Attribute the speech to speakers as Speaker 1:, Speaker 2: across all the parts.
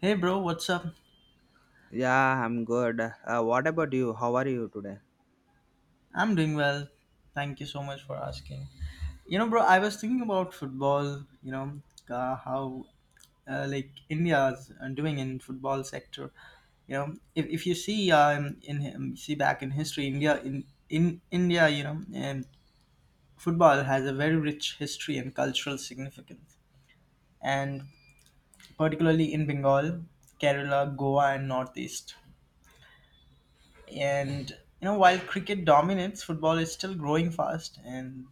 Speaker 1: Hey bro, what's up?
Speaker 2: Yeah, I'm good. What about you? How are you today?
Speaker 1: I'm doing well. Thank you so much for asking. Bro, I was thinking about football. How like India's doing in football sector. You know, if you see in see back in history, India in India, you know, and football has a very rich history and cultural significance, and particularly in Bengal, Kerala, Goa, and Northeast. And you know, while cricket dominates, football is still growing fast, and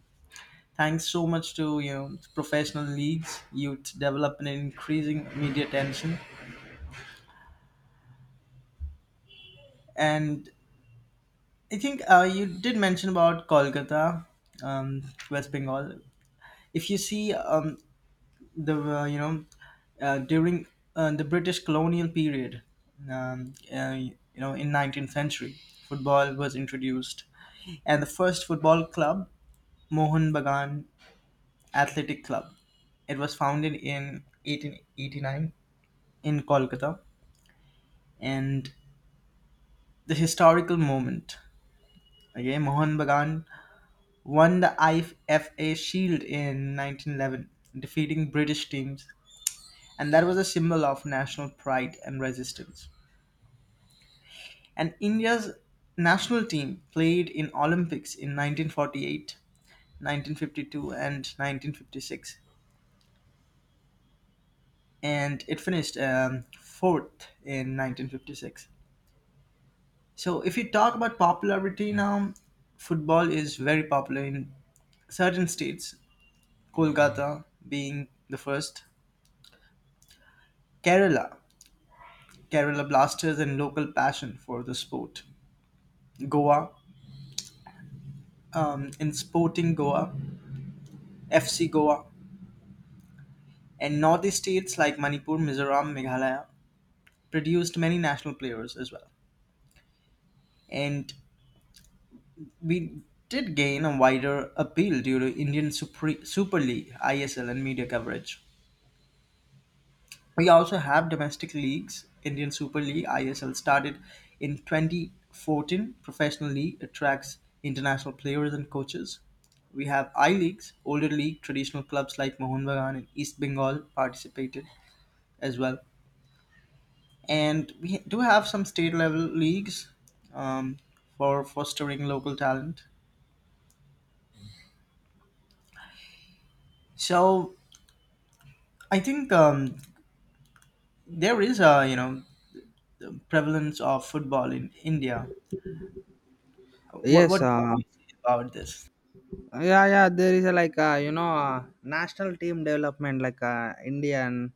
Speaker 1: thanks so much to professional leagues, you develop an increasing media attention. And I think you did mention about Kolkata, um, West Bengal. If you see the you know during the British colonial period, um, uh, you in 19th century, football was introduced, and the first football club, Mohun Bagan Athletic Club, it was founded in 1889 in Kolkata, and the historical moment. Okay, Mohan Bagan won the IFA Shield in 1911, defeating British teams, and that was a symbol of national pride and resistance. And India's national team played in Olympics in 1948, 1952, and 1956, and it finished fourth in 1956. So, if you talk about popularity now, football is very popular in certain states: Kolkata being the first, Kerala, Kerala Blasters and local passion for the sport, Goa, in Sporting Goa, FC Goa, and Northeast states like Manipur, Mizoram, Meghalaya produced many national players as well. And we did gain a wider appeal due to Super League, ISL, and media coverage. We also have domestic leagues. Indian Super League (ISL) started in 2014. Professional league attracts international players and coaches. We have I leagues, older league. Traditional clubs like Mohun Bagan and East Bengal participated as well. And we do have some state level leagues um, for fostering local talent. So I think there is a you know the prevalence of football in India.
Speaker 2: Yes.
Speaker 1: What do
Speaker 2: Uh,
Speaker 1: you see about this?
Speaker 2: yeah, yeah. There is a, like national team development. Like Indian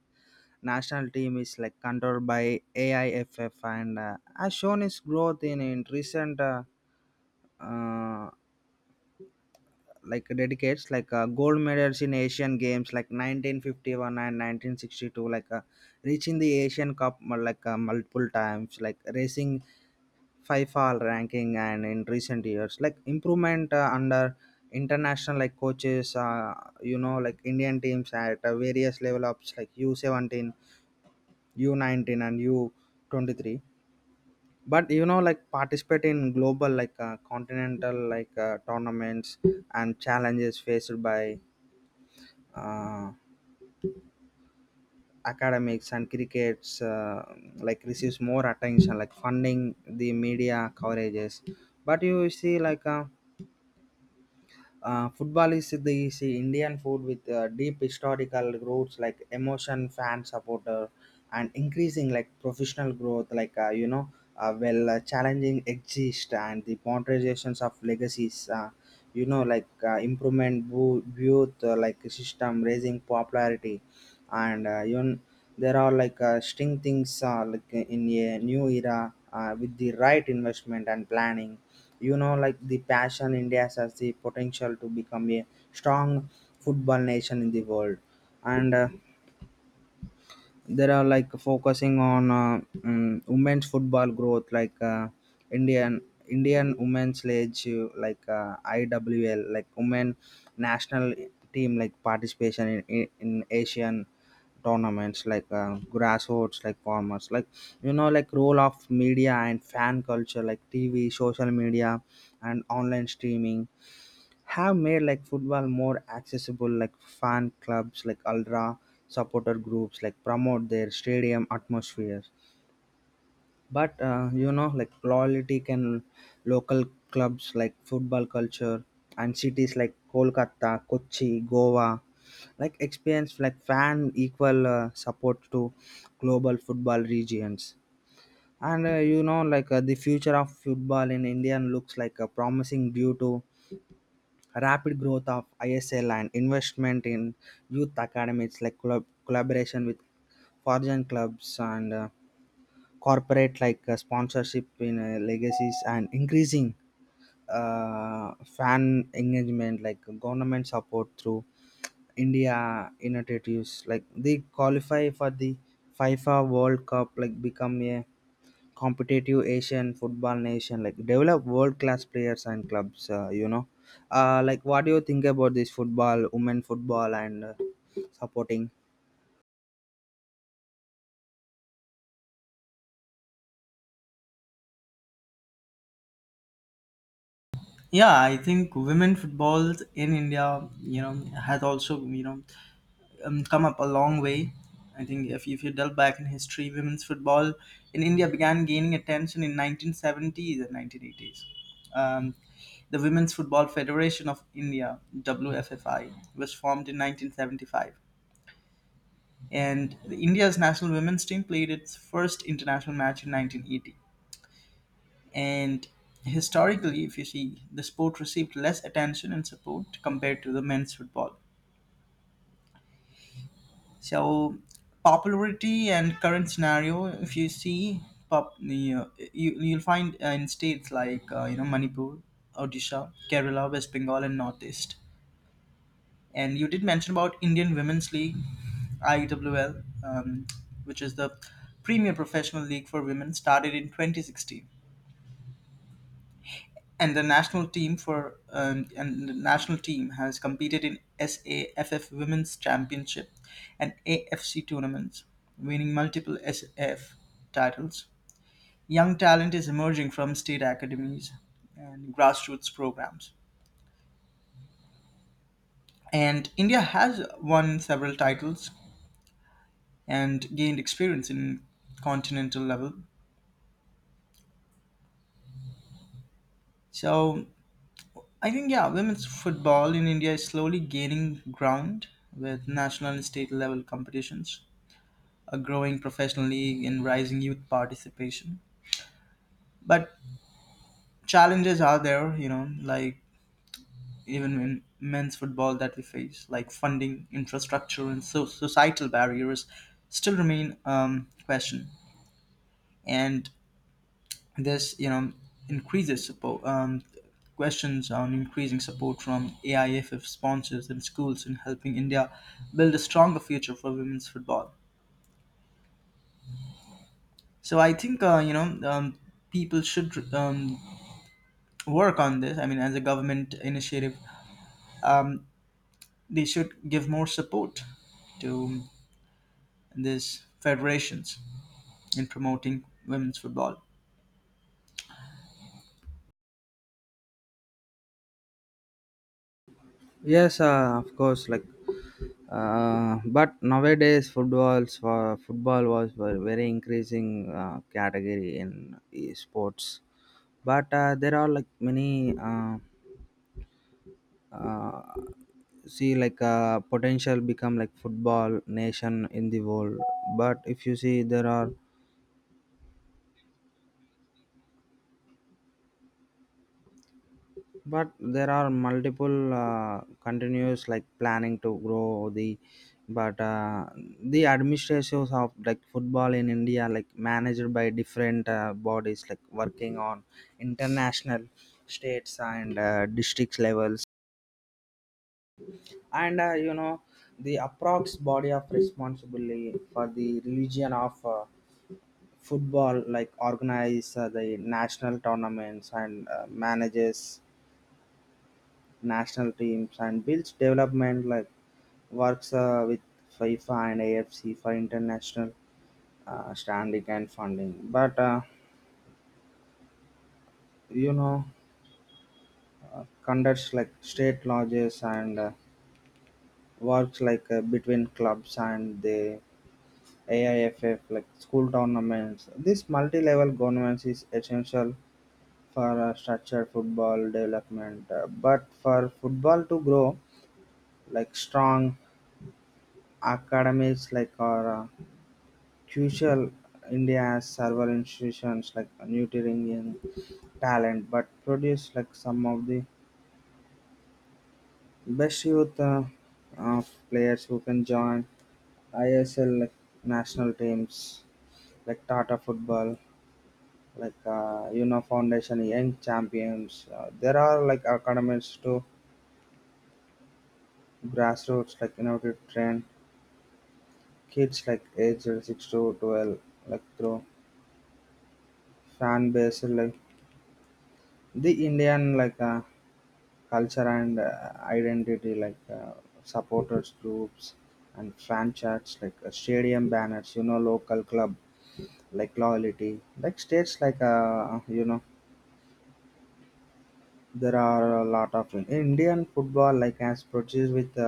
Speaker 2: national team is like controlled by AIFF and has shown its growth in recent uh, like dedicates like gold medals in asian games like 1951 and 1962 like reaching the asian cup like multiple times like racing five all ranking and in recent years like improvement under international like coaches like indian teams at various level ups like U17 U19 and U23 but you know, like participate in global, like continental, like tournaments and challenges faced by uh, academics and crickets, like receives more attention, like funding the media coverages. But you see, football is the Indian food with deep historical roots like emotion, fan supporter, and increasing like professional growth. Like challenging exist and the modernizations of legacies. Like improvement, youth, like system, raising popularity, and there are like string things like in a new era with the right investment and planning you know like the passion india has the potential to become a strong football nation in the world and there are like focusing on women's football growth like indian indian women's league like iwl like women national team like participation in asian tournaments like grassroots like farmers like you know like role of media and fan culture like tv social media and online streaming have made like football more accessible like fan clubs like ultra supporter groups like promote their stadium atmospheres but you know like loyalty can local clubs like football culture and cities like kolkata kochi goa like experience like fan equal support to global football regions and you know like the future of football in india looks like a promising due to rapid growth of ISL and investment in youth academies like collaboration with foreign clubs and corporate like sponsorship in legacies and increasing fan engagement like government support through India initiatives like they qualify for the FIFA World Cup like become a competitive Asian football nation, like develop world class players and clubs. Like what do you think about this football, women football, and supporting?
Speaker 1: Yeah, I think women football in India has also, come up a long way. I think if you delve back in history, women's football in India began gaining attention in 1970s and 1980s. um, the women's football federation of India, WFFI, was formed in 1975, and the India's national women's team played its first international match in 1980. And historically, if you see, the sport received less attention and support compared to the men's football. So, popularity and current scenario, if you see, you know, you'll find in states like Manipur, Odisha, Kerala, West Bengal, and Northeast. And you did mention about Indian Women's League, IWL, which is the premier professional league for women, started in 2016. And the national team has competed in SAFF Women's Championship and AFC tournaments, winning multiple SF titles. Young talent is emerging from state academies and grassroots programs, and India has won several titles and gained experience in continental level. So I think yeah, women's football in India is slowly gaining ground with national and state level competitions, a growing professional league and rising youth participation. But challenges are there, you know, like even in men's football that we face, like funding, infrastructure, and societal barriers still remain question. And this, you know, increases support. Questions on increasing support from AIFF sponsors and schools in helping India build a stronger future for women's football. So I think people should, work on this I mean as a government initiative um, they should give more support to these federations in promoting women's football.
Speaker 2: Yes, of course. Like, but nowadays football was very increasing category in sports. But there are like many. Uh, see like potential become like football nation in the world but if you see there are multiple continuous like planning to grow the but the administrations of like football in india like managed by different bodies like working on international states and districts levels and you know the approx body of responsibility for the religion of football like organize the national tournaments and manages national teams and builds development like works with FIFA and AFC for international standing and funding. But you know, conducts like state lodges and works like between clubs and the AIFF like school tournaments. This multi-level governance is essential for a structured football development. But for football to grow, like strong academics like are crucial. India has several institutions like nurturing in talent, but produce like some of the best youth of players who can join ISL like national teams like Tata Football, like you know Foundation Young Champions. There are like academies to grassroots like innovative train kids like age 6 to 12 like through fan base like the indian like culture and identity like supporters groups and fan charts like stadium banners you know local club like loyalty like states like you know there are a lot of indian football like has produced with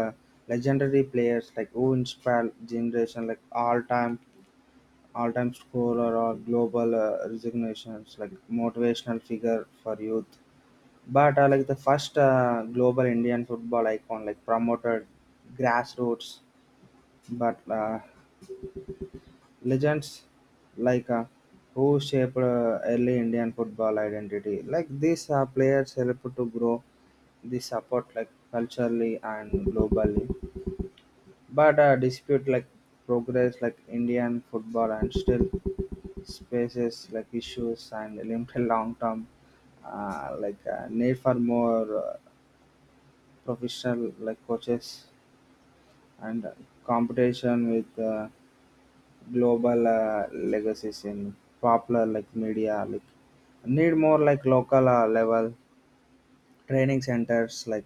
Speaker 2: legendary players like who inspire generation like all time all-time scorer or global resignations like motivational figure for youth but like the first global indian football icon like promoted grassroots but legends like who shaped early indian football identity like these players help to grow the support like culturally and globally. But a dispute like progress, like Indian football, and still spaces like issues and limited long-term like need for more professional like coaches and competition with global legacies in popular like media like need more like local level training centers like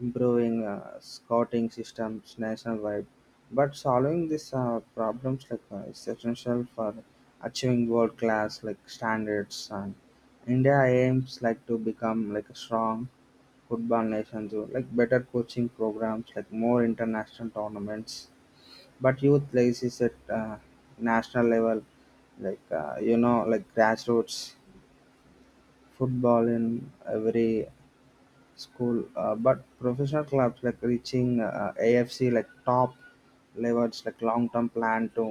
Speaker 2: improving scouting systems nationwide. But solving these problems like is essential for achieving world class like standards. And India aims like to become like a strong football nation through like better coaching programs, like more international tournaments. But youth places at national level, like you know, like grassroots football in every school but professional clubs like reaching afc like top levels like long term plan to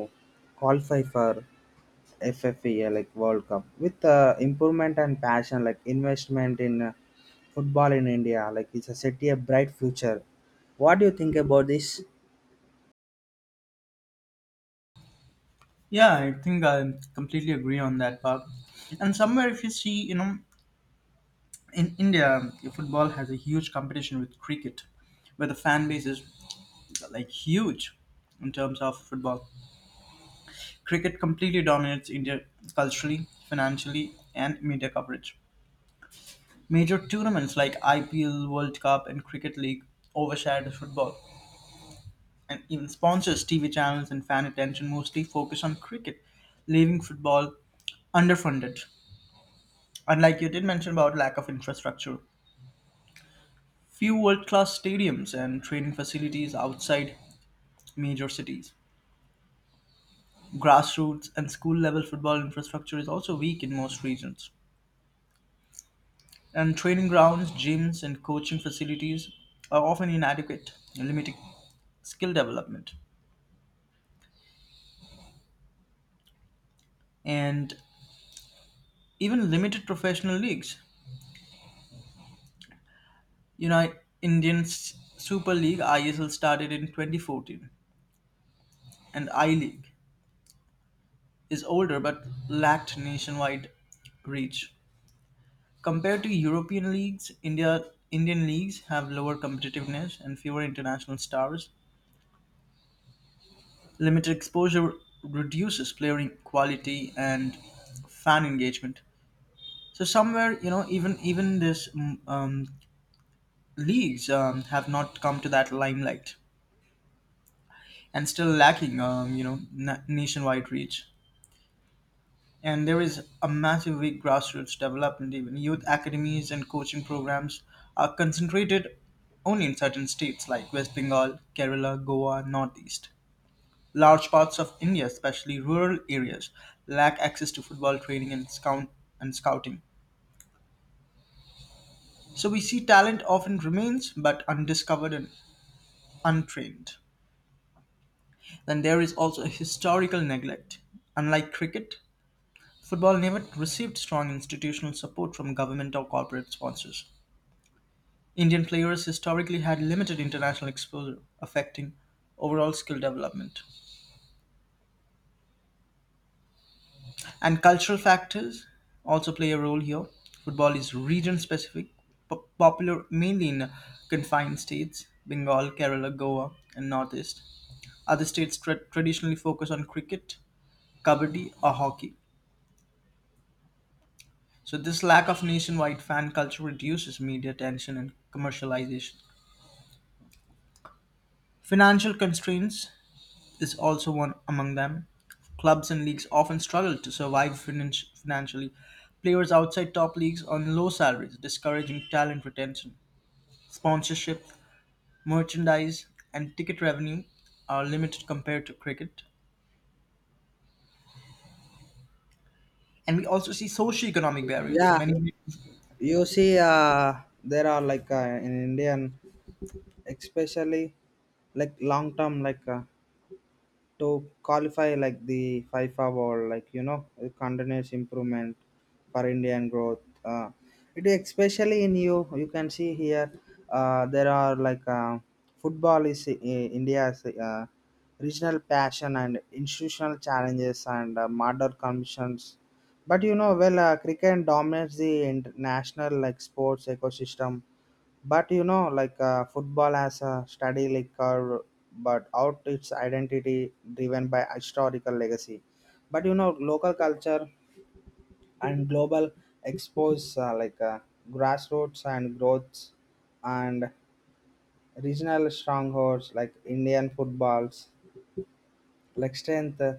Speaker 2: qualify for ffea like world cup with improvement and passion like investment in football in india like it's a city a bright future. What do you think about this?
Speaker 1: Yeah, I think I completely agree on that part. And somewhere if you see, you know, in India football has a huge competition with cricket, where the fan base is like huge. In terms of football, cricket completely dominates India culturally, financially and media coverage. Major tournaments like IPL, World Cup, and Cricket League overshadowed football, and even sponsors, TV channels, and fan attention mostly focus on cricket, leaving football underfunded. Unlike you did mention about lack of infrastructure, few world-class stadiums and training facilities outside major cities. Grassroots and school-level football infrastructure is also weak in most regions. And training grounds, gyms, and coaching facilities are often inadequate, limiting skill development. And even limited professional leagues. You know, Super League ISL started in 2014, and I League is older but lacked nationwide reach. Compared to European leagues, Indian leagues have lower competitiveness and fewer international stars. Limited exposure reduces player quality and fan engagement. So somewhere, you know, even this leagues have not come to that limelight, and still lacking, you know, nationwide reach. And there is a massive weak grassroots development. Even youth academies and coaching programs are concentrated only in certain states like West Bengal, Kerala, Goa, Northeast. Large parts of India, especially rural areas, lack access to football training and scouting. So we see talent often remains but undiscovered and untrained. Then there is also a historical neglect. Unlike cricket, football never received strong institutional support from government or corporate sponsors. Indian players historically had limited international exposure, affecting overall skill development. And cultural factors also play a role here. Football is region specific, popular mainly in confined states: Bengal, Kerala, Goa, and Northeast. Other states traditionally focus on cricket, kabaddi, or hockey. So, this lack of nationwide fan culture reduces media attention and commercialization. Financial constraints is also one among them. Clubs and leagues often struggle to survive financially. Players outside top leagues earn low salaries, discouraging talent retention. Sponsorship, merchandise, and ticket revenue are limited compared to cricket. And we also see socio-economic barriers.
Speaker 2: Yeah,
Speaker 1: Many,
Speaker 2: you see there are like in indian especially like long term like to qualify like the FIFA World, like you know, a continuous improvement for Indian growth. It is especially in you can see here. There are like football is India's regional passion and institutional challenges and model conditions. But you know, well, cricket dominates the international like sports ecosystem but you know like football has a study like curve but out its identity driven by historical legacy but you know local culture and global expose like grassroots and growths and regional strongholds like indian footballs like strength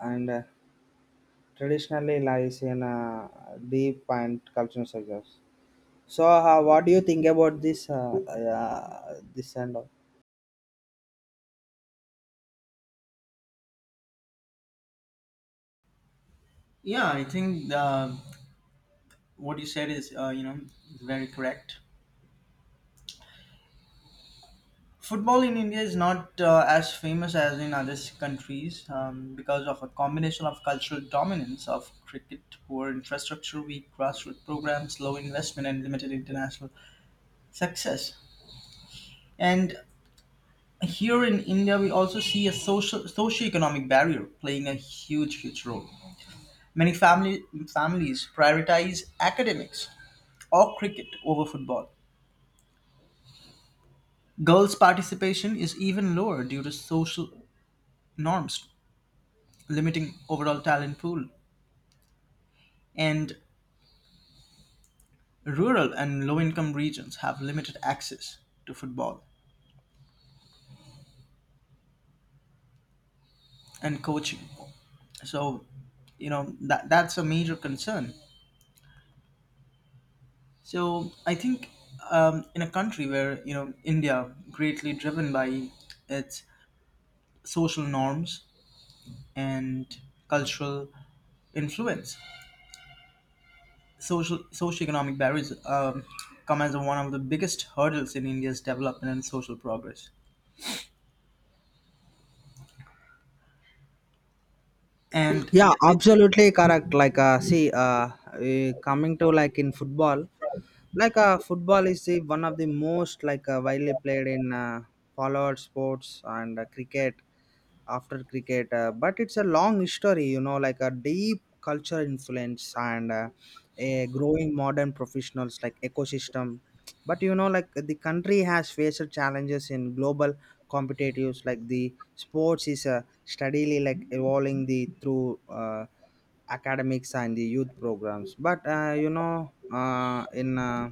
Speaker 2: and traditionally lies in deep and cultural sectors. So what do you think about this this and all?
Speaker 1: yeah, I think what you said is, very correct. Football in India is not as famous as in other countries because of a combination of cultural dominance of cricket, poor infrastructure, weak grassroots programs, low investment, and limited international success. And here in India, we also see a social socio-economic barrier playing a huge, huge role. Many family Families prioritize academics or cricket over football. Girls' participation is even lower due to social norms, limiting overall talent pool, and rural and low income regions have limited access to football and coaching. So, you know, that's a major concern. So, I think in a country where, you know, India, greatly driven by its social norms and cultural influence, social socioeconomic barriers come as one of the biggest hurdles in India's development and social progress. And
Speaker 2: Yeah,
Speaker 1: it,
Speaker 2: absolutely correct. Like, see, coming to like in football, like football is the one of the most like widely played in followed sports and cricket after cricket but it's a long history you know like a deep cultural influence and a growing modern professionals like ecosystem but you know like the country has faced challenges in global competitives like the sports is steadily like evolving the through academics and the youth programs but you know in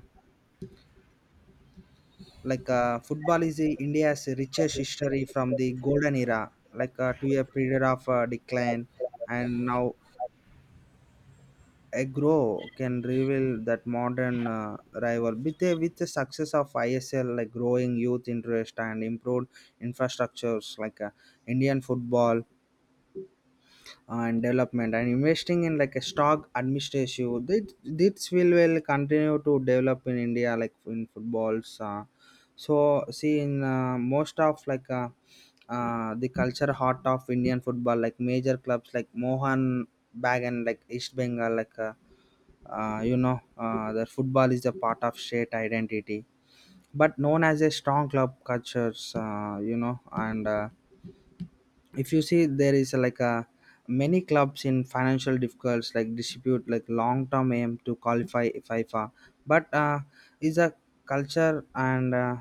Speaker 2: like football is the India's richest history from the golden era, like to a period of decline, and now a grow can reveal that modern rival with the success of ISL, like growing youth interest and improved infrastructures, like Indian football and development and investing in like a stock administration. This will continue to develop in india like in footballs so see in most of like the culture heart of indian football like major clubs like mohan bagan like east bengal like you know the football is a part of state identity but known as a strong club cultures you know and if you see there is like a many clubs in financial difficulties like distribute like long term aim to qualify FIFA but is a culture and uh,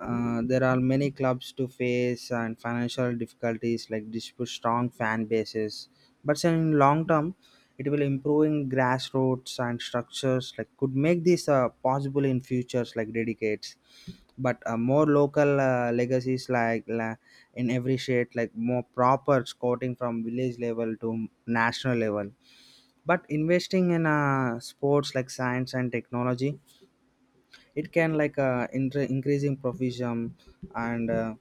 Speaker 2: uh, there are many clubs to face and financial difficulties like dispute strong fan bases but in long term it will improving grassroots and structures like could make this possible in futures like dedicates but more local legacies like in every state like more proper scouting from village level to national level but investing in sports like science and technology it can like increasing provision and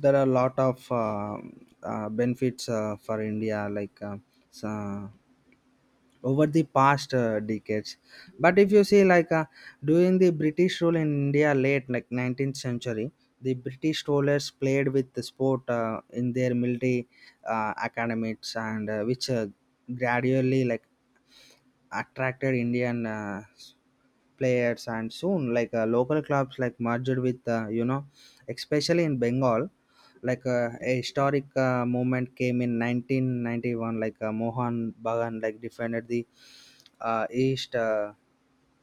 Speaker 2: there are a lot of benefits for India, like so- over the past decades. But if you see, like during the British rule in India, late like 19th century, the British rulers played with the sport in their military academies, and which gradually like attracted Indian players, and soon like local clubs like merged with you know, especially in Bengal, like a historic movement came in 1991. Like Mohan Bagan like defended the East.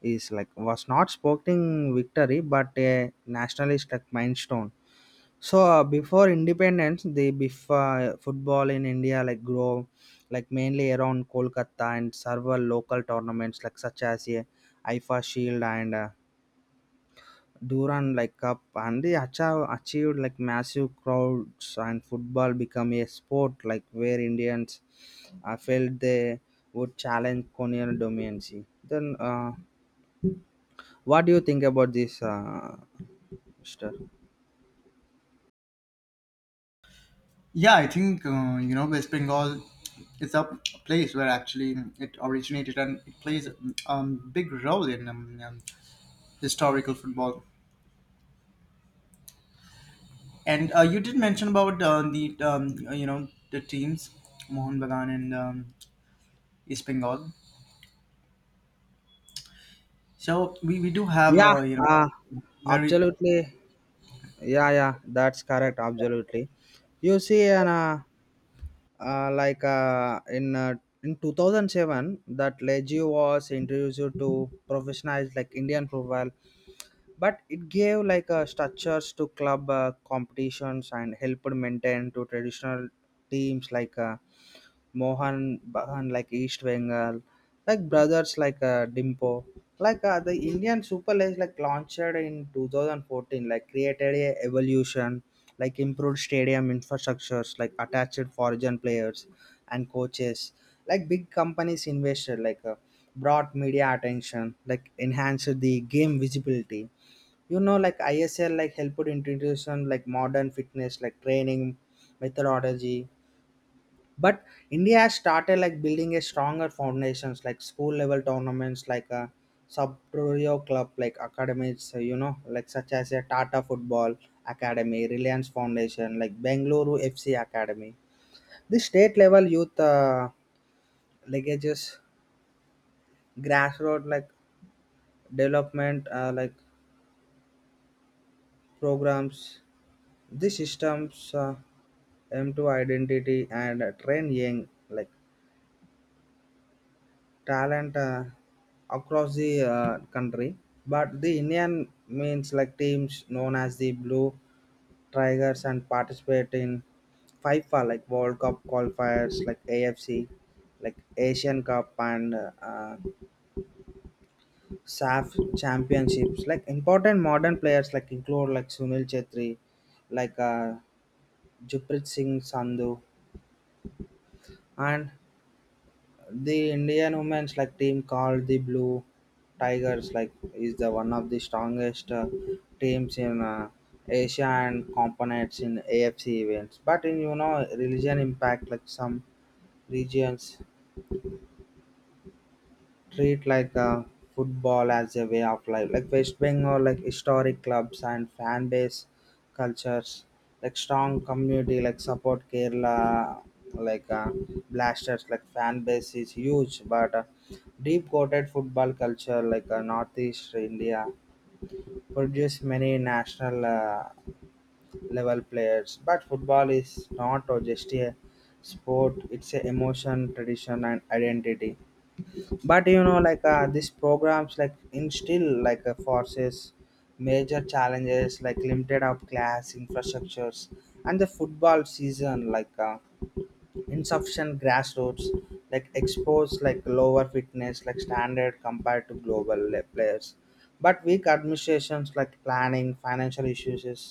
Speaker 2: Is like was not sporting victory but a nationalist like milestone. So before independence, football in India like grow like mainly around Kolkata and several local tournaments like such as a IFA Shield and Duran like Cup and they achieved like massive crowds and football become a sport like where Indians felt they would challenge colonial dominancy. Then what do you think about this, Mister?
Speaker 1: yeah, I think West Bengal is a place where actually it originated, and it plays a, big role in, historical football. And you did mention about the you know the teams Mohun Bagan and, East Bengal. So we do have
Speaker 2: Yeah,
Speaker 1: a you know very
Speaker 2: absolutely. Yeah, yeah, that's correct. Absolutely. You see, and like in 2007, that Legio was introduced to professionalize like Indian football, but it gave like structures to club competitions and helped maintain to traditional teams like Mohan Bahan like East Bengal, like brothers like Dimpo. Like the Indian Super League like launched in 2014, like created a evolution, like improved stadium infrastructures, like attached foreign players and coaches. Like big companies invested, like brought media attention, like enhanced the game visibility. You know, like ISL like helped introduce some, like modern fitness, like training methodology but india has started like building a stronger foundations like school level tournaments like a sub club like academies you know like such as a tata football academy reliance foundation like bengaluru fc academy the state level youth legages grassroots like development like programs. These systems aim to identity and train young like talent across the country. But the Indian means like teams known as the Blue Tigers and participate in FIFA like World Cup qualifiers like AFC, like Asian Cup and SAF championships. Like important modern players like include like Sunil Chetri, like Juprit Singh Sandhu and the Indian women's like team called the Blue Tigers like is the one of the strongest teams in Asia and components in AFC events. But in you know religion impact like some regions treat like football as a way of life like west bengal like historic clubs and fan base cultures like strong community like support kerala like blasters like fan base is huge but deep coated football culture like northeast india produce many national level players but football is not just a sport it's a emotion tradition and identity but you know like these programs like instill like forces major challenges like limited of class infrastructures and the football season like insufficient grassroots like exposed like lower fitness like standard compared to global players but weak administrations like planning financial issues is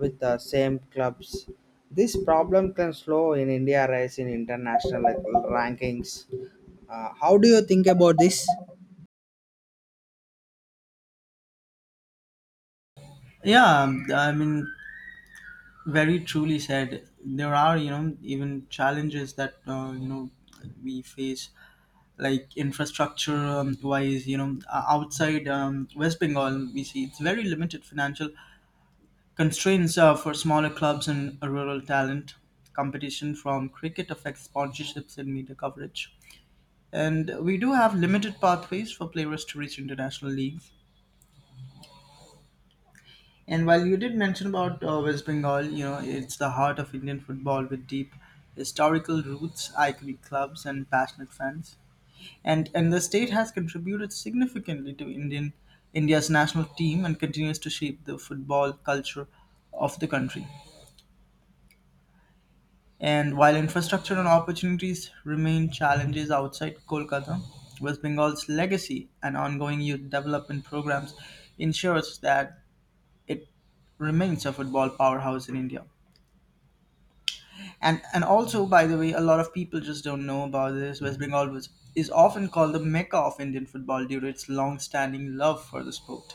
Speaker 2: with the same clubs. This problem can slow in india rise in international like rankings. How do you think about this?
Speaker 1: yeah I mean very truly said there are you know even challenges that we face, like infrastructure wise, you know, outside West Bengal we see it's very limited. Financial constraints for smaller clubs and rural talent, competition from cricket affects sponsorships and media coverage, and we do have limited pathways for players to reach international leagues. And while you did mention about West Bengal, you know, it's the heart of Indian football with deep historical roots, iconic clubs and passionate fans. And the state has contributed significantly to Indian India's national team and continues to shape the football culture of the country. And while infrastructure and opportunities remain challenges outside Kolkata, West Bengal's legacy and ongoing youth development programs ensures that it remains a football powerhouse in India. And also, by the way, a lot of people just don't know about this. Is often called the Mecca of Indian football due to its long-standing love for the sport.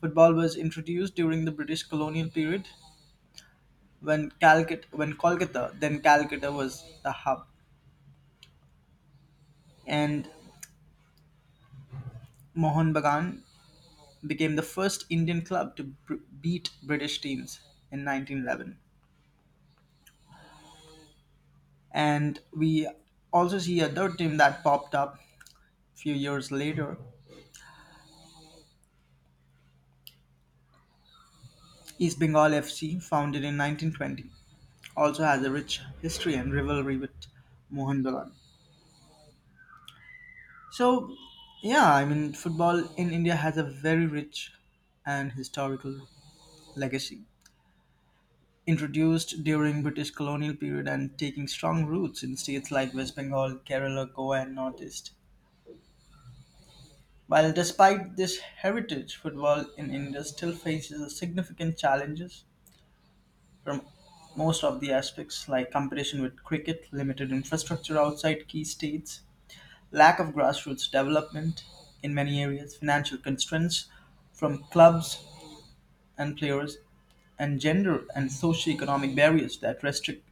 Speaker 1: Football was introduced during the British colonial period when Calcut when Kolkata, then Calcutta was the hub, and Mohun Bagan became the first Indian club to beat British teams in 1911. And we also see a third team that popped up a few years later. East Bengal FC, founded in 1920, also has a rich history and rivalry with Mohun Bagan. So, yeah, I mean, football in India has a very rich and historical legacy, introduced during British colonial period and taking strong roots in states like West Bengal, Kerala, Goa, and Northeast. While despite this heritage, football in India still faces significant challenges from most of the aspects like competition with cricket, limited infrastructure outside key states, lack of grassroots development in many areas, financial constraints from clubs and players, and gender and socioeconomic barriers that restrict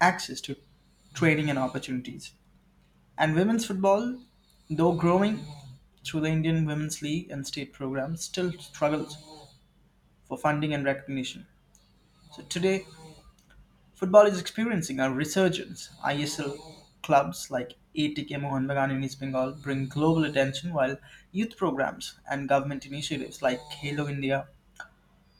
Speaker 1: access to training and opportunities. And women's football, though growing through the Indian Women's League and state programs, still struggles for funding and recognition. So today, football is experiencing a resurgence. ISL clubs like ATK Mohan Bagan in East Bengal bring global attention, while youth programs and government initiatives like Halo India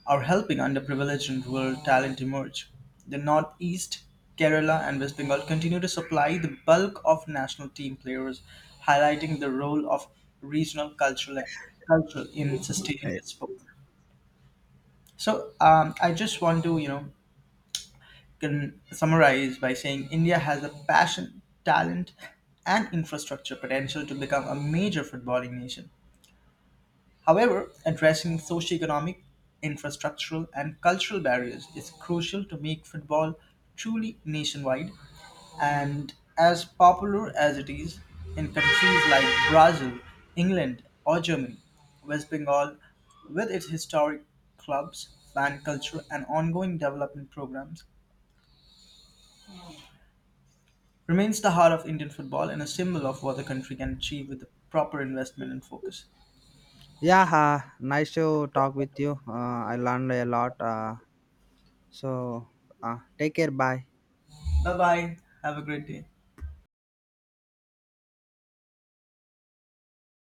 Speaker 1: are helping underprivileged and rural talent emerge. The Northeast, Kerala, and West Bengal continue to supply the bulk of national team players, highlighting the role of regional cultural culture in sustaining
Speaker 2: I-
Speaker 1: the sport. So I just want to, you know, can summarize by saying India has the passion, talent, and infrastructure potential to become a major footballing nation. However, addressing socioeconomic, infrastructural, and cultural barriers is crucial to make football truly nationwide. And as popular as it is in countries like Brazil, England, or Germany, West Bengal, with its historic clubs, fan culture, and ongoing development programs, remains the heart of Indian football and a symbol of what the country can achieve with the proper investment and focus.
Speaker 2: yeah, nice to talk with you. I learned a lot. So Take care, bye.
Speaker 1: Bye bye. Have a great day.